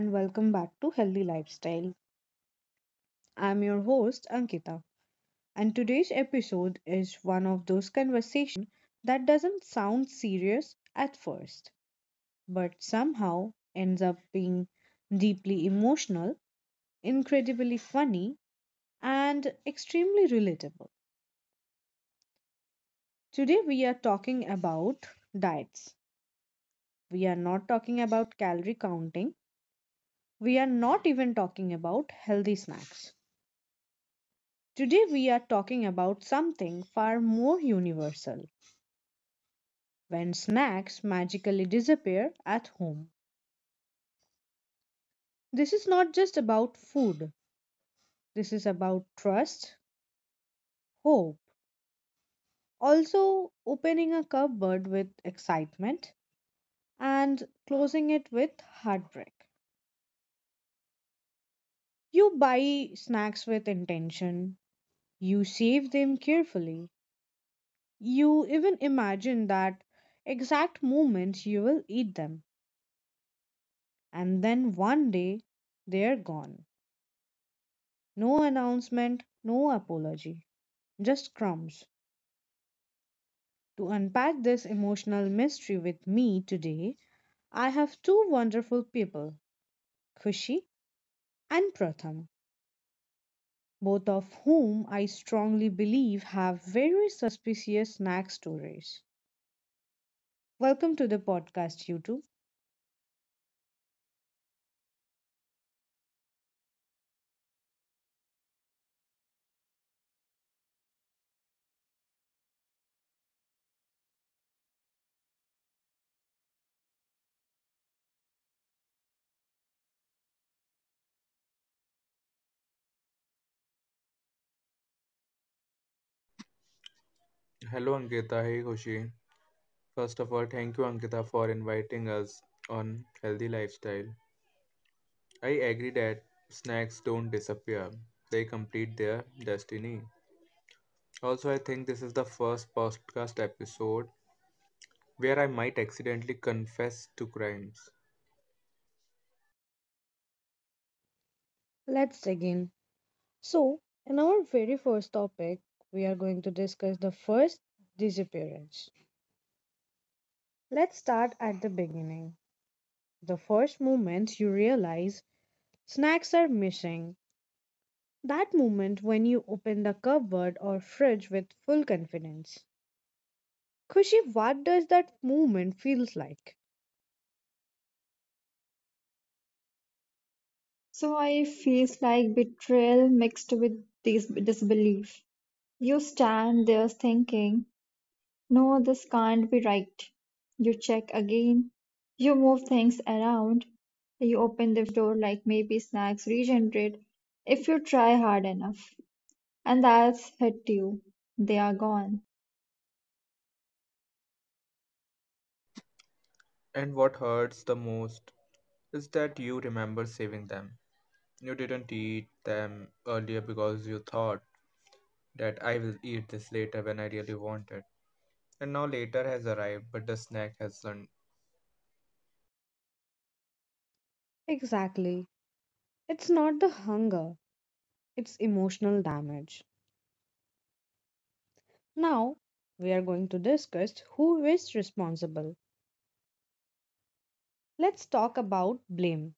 and welcome back to Healthy Lifestyle. I'm your host, Ankita, and today's episode is one of those conversations that doesn't sound serious at first, but somehow ends up being deeply emotional, incredibly funny, and extremely relatable. Today, we are talking about diets. We are not talking about calorie counting. We are not even talking about healthy snacks. Today, we are talking about something far more universal: when snacks magically disappear at home. This is not just about food, this is about trust, hope, also opening a cupboard with excitement and closing it with heartbreak. You buy snacks with intention, you save them carefully, you even imagine that exact moment you will eat them. And then one day, they're gone. No announcement, no apology, just crumbs. To unpack this emotional mystery with me today, I have two wonderful people, Kushi and Pratham, both of whom I strongly believe have very suspicious snack stories. Welcome to the podcast, you two. Hello Ankita, hey Kushi. First of all, thank you Ankita for inviting us on Healthy Lifestyle. I agree that snacks don't disappear, they complete their destiny. Also, I think this is the first podcast episode where I might accidentally confess to crimes. Let's dig in. So, in our very first topic, we are going to discuss the first disappearance. Let's start at the beginning. The first moment you realize snacks are missing. That moment when you open the cupboard or fridge with full confidence. Kushi, what does that moment feels like? So I feels like betrayal mixed with this disbelief. You stand there thinking, no, this can't be right. You check again. You move things around. You open the fridge door like maybe snacks regenerate if you try hard enough. And that's hit you. They are gone. And what hurts the most is that you remember saving them. You didn't eat them earlier because you thought that I will eat this later when I really wanted. And now later has arrived, but the snack has not. Exactly. It's not the hunger, it's emotional damage. Now, we are going to discuss who is responsible. Let's talk about blame.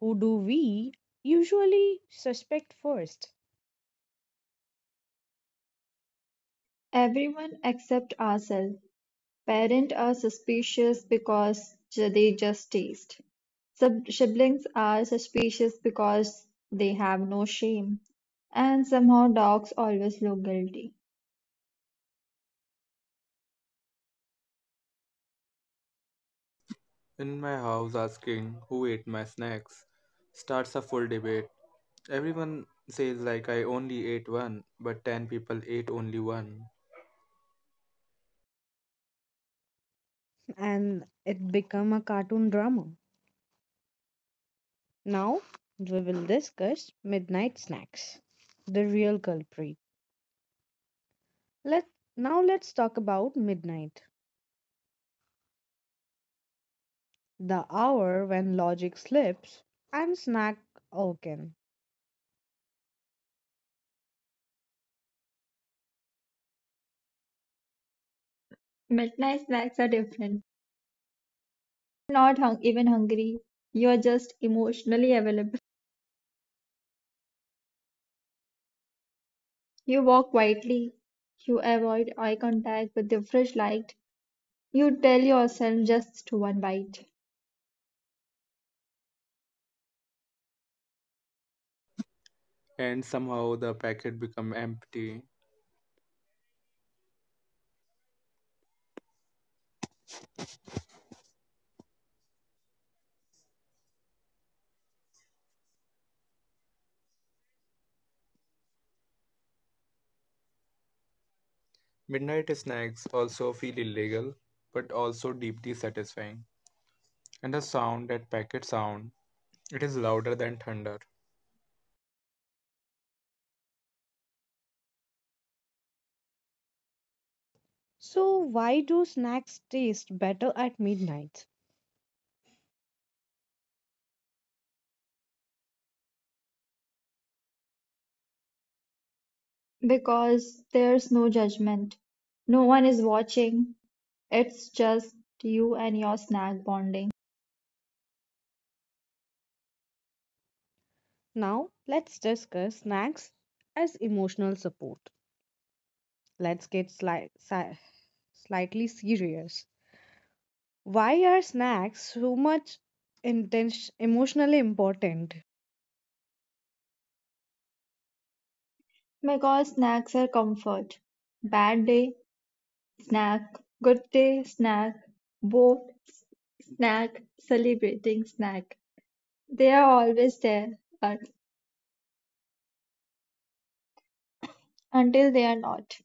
Who do we usually suspect first? Everyone except ourselves. Parents are suspicious because they just taste. Sub- siblings are suspicious because they have no shame. And somehow dogs always look guilty. In my house, asking who ate my snacks starts a full debate. Everyone says, like, I only ate one, but 10 people ate only one. And it become a cartoon drama. Now we will discuss midnight snacks, the real culprit. Let let's talk about midnight, the hour when logic slips and snack awaken. Midnight snacks are different. You are not even hungry. You are just emotionally available. You walk quietly. You avoid eye contact with the fresh light. You tell yourself just one bite. And somehow the packet become empty. Midnight snacks also feel illegal, but also deeply satisfying. And the sound, that packet sound, it is louder than thunder. So why do snacks taste better at midnight? Because there's no judgment. No one is watching. It's just you and your snack bonding. Now let's discuss snacks as emotional support. Let's get slightly serious. Why are snacks so much intense emotionally important? Because snacks are comfort. Bad day, snack. Good day, snack. Both snack, celebrating snack. They are always there, but until they are not.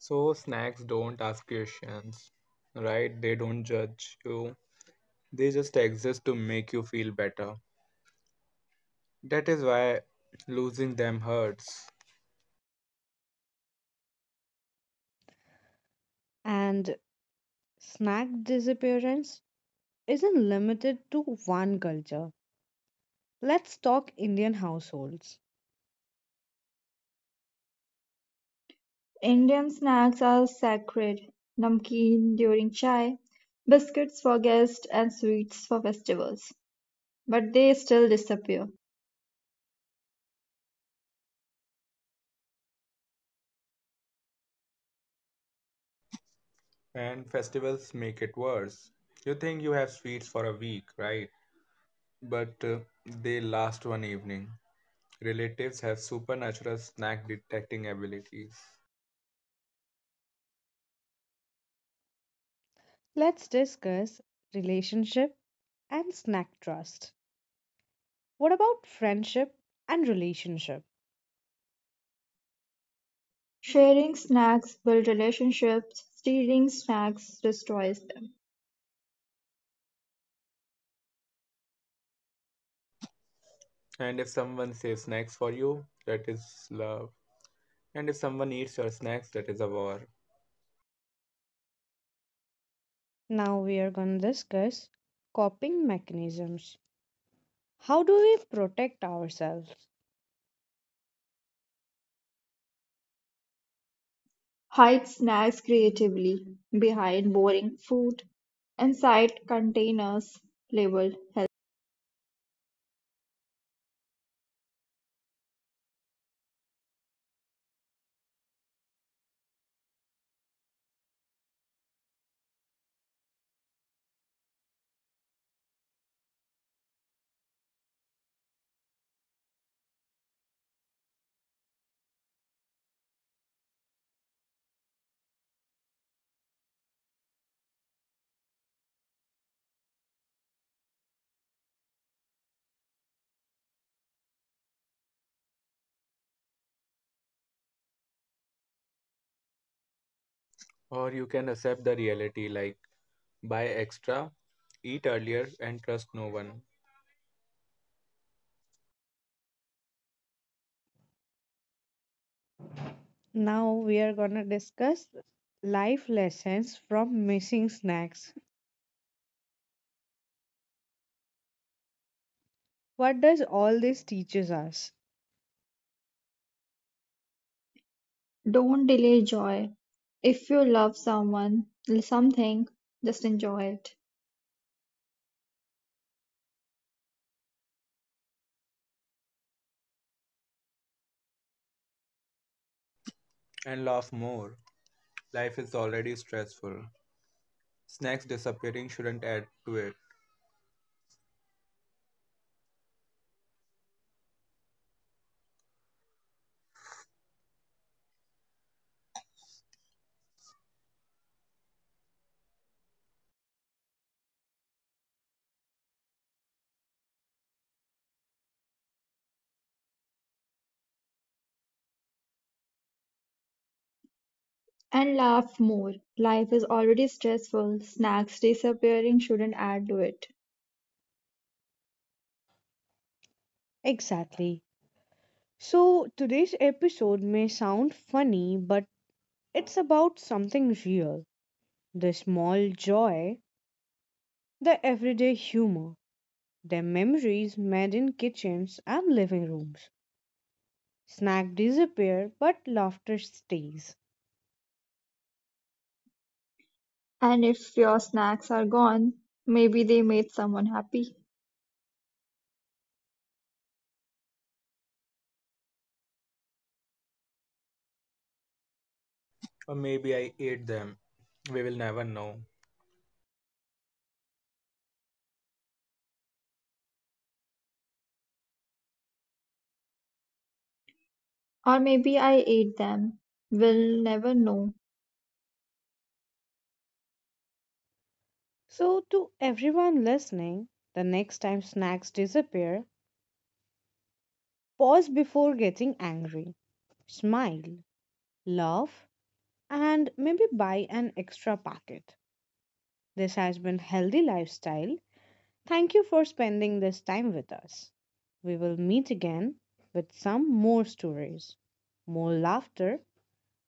So snacks don't ask questions, right? They don't judge you. They just exist to make you feel better. That is why losing them hurts, And snack disappearance isn't limited to one culture. Let's talk Indian households. Indian snacks are sacred. Namkeen during chai, biscuits for guests, and sweets for festivals. But they still disappear. and festivals make it worse. You think you have sweets for a week, right? But they last one evening. Relatives have supernatural snack detecting abilities. Let's discuss relationship and snack trust. What about friendship and relationship? Sharing snacks builds relationships, stealing snacks destroys them. And if someone saves snacks for you, that is love. And if someone eats your snacks, that is a war. Now we are going to discuss coping mechanisms. How do we protect ourselves? Hide snacks creatively behind boring food, inside containers labeled health. Or you can accept the reality, like buy extra, eat earlier, and trust no one, Now we are going to discuss life lessons from missing snacks. What does all this teaches us? Don't delay joy. If you love someone, something, just enjoy it. and laugh more. Life is already stressful. Snacks disappearing shouldn't add to it. And laugh more. Life is already stressful. Snacks disappearing shouldn't add to it. Exactly. So, today's episode may sound funny, but it's about something real: the small joy, the everyday humor, the memories made in kitchens and living rooms. Snack disappear, but laughter stays. And if your snacks are gone, maybe they made someone happy. Or maybe I ate them. We will never know. Or maybe I ate them, we'll never know. So, to everyone listening, the next time snacks disappear, pause before getting angry, smile, laugh, and maybe buy an extra packet. This has been Healthy Lifestyle. Thank you for spending this time with us. We will meet again with some more stories, more laughter,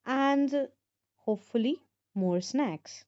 and hopefully more snacks.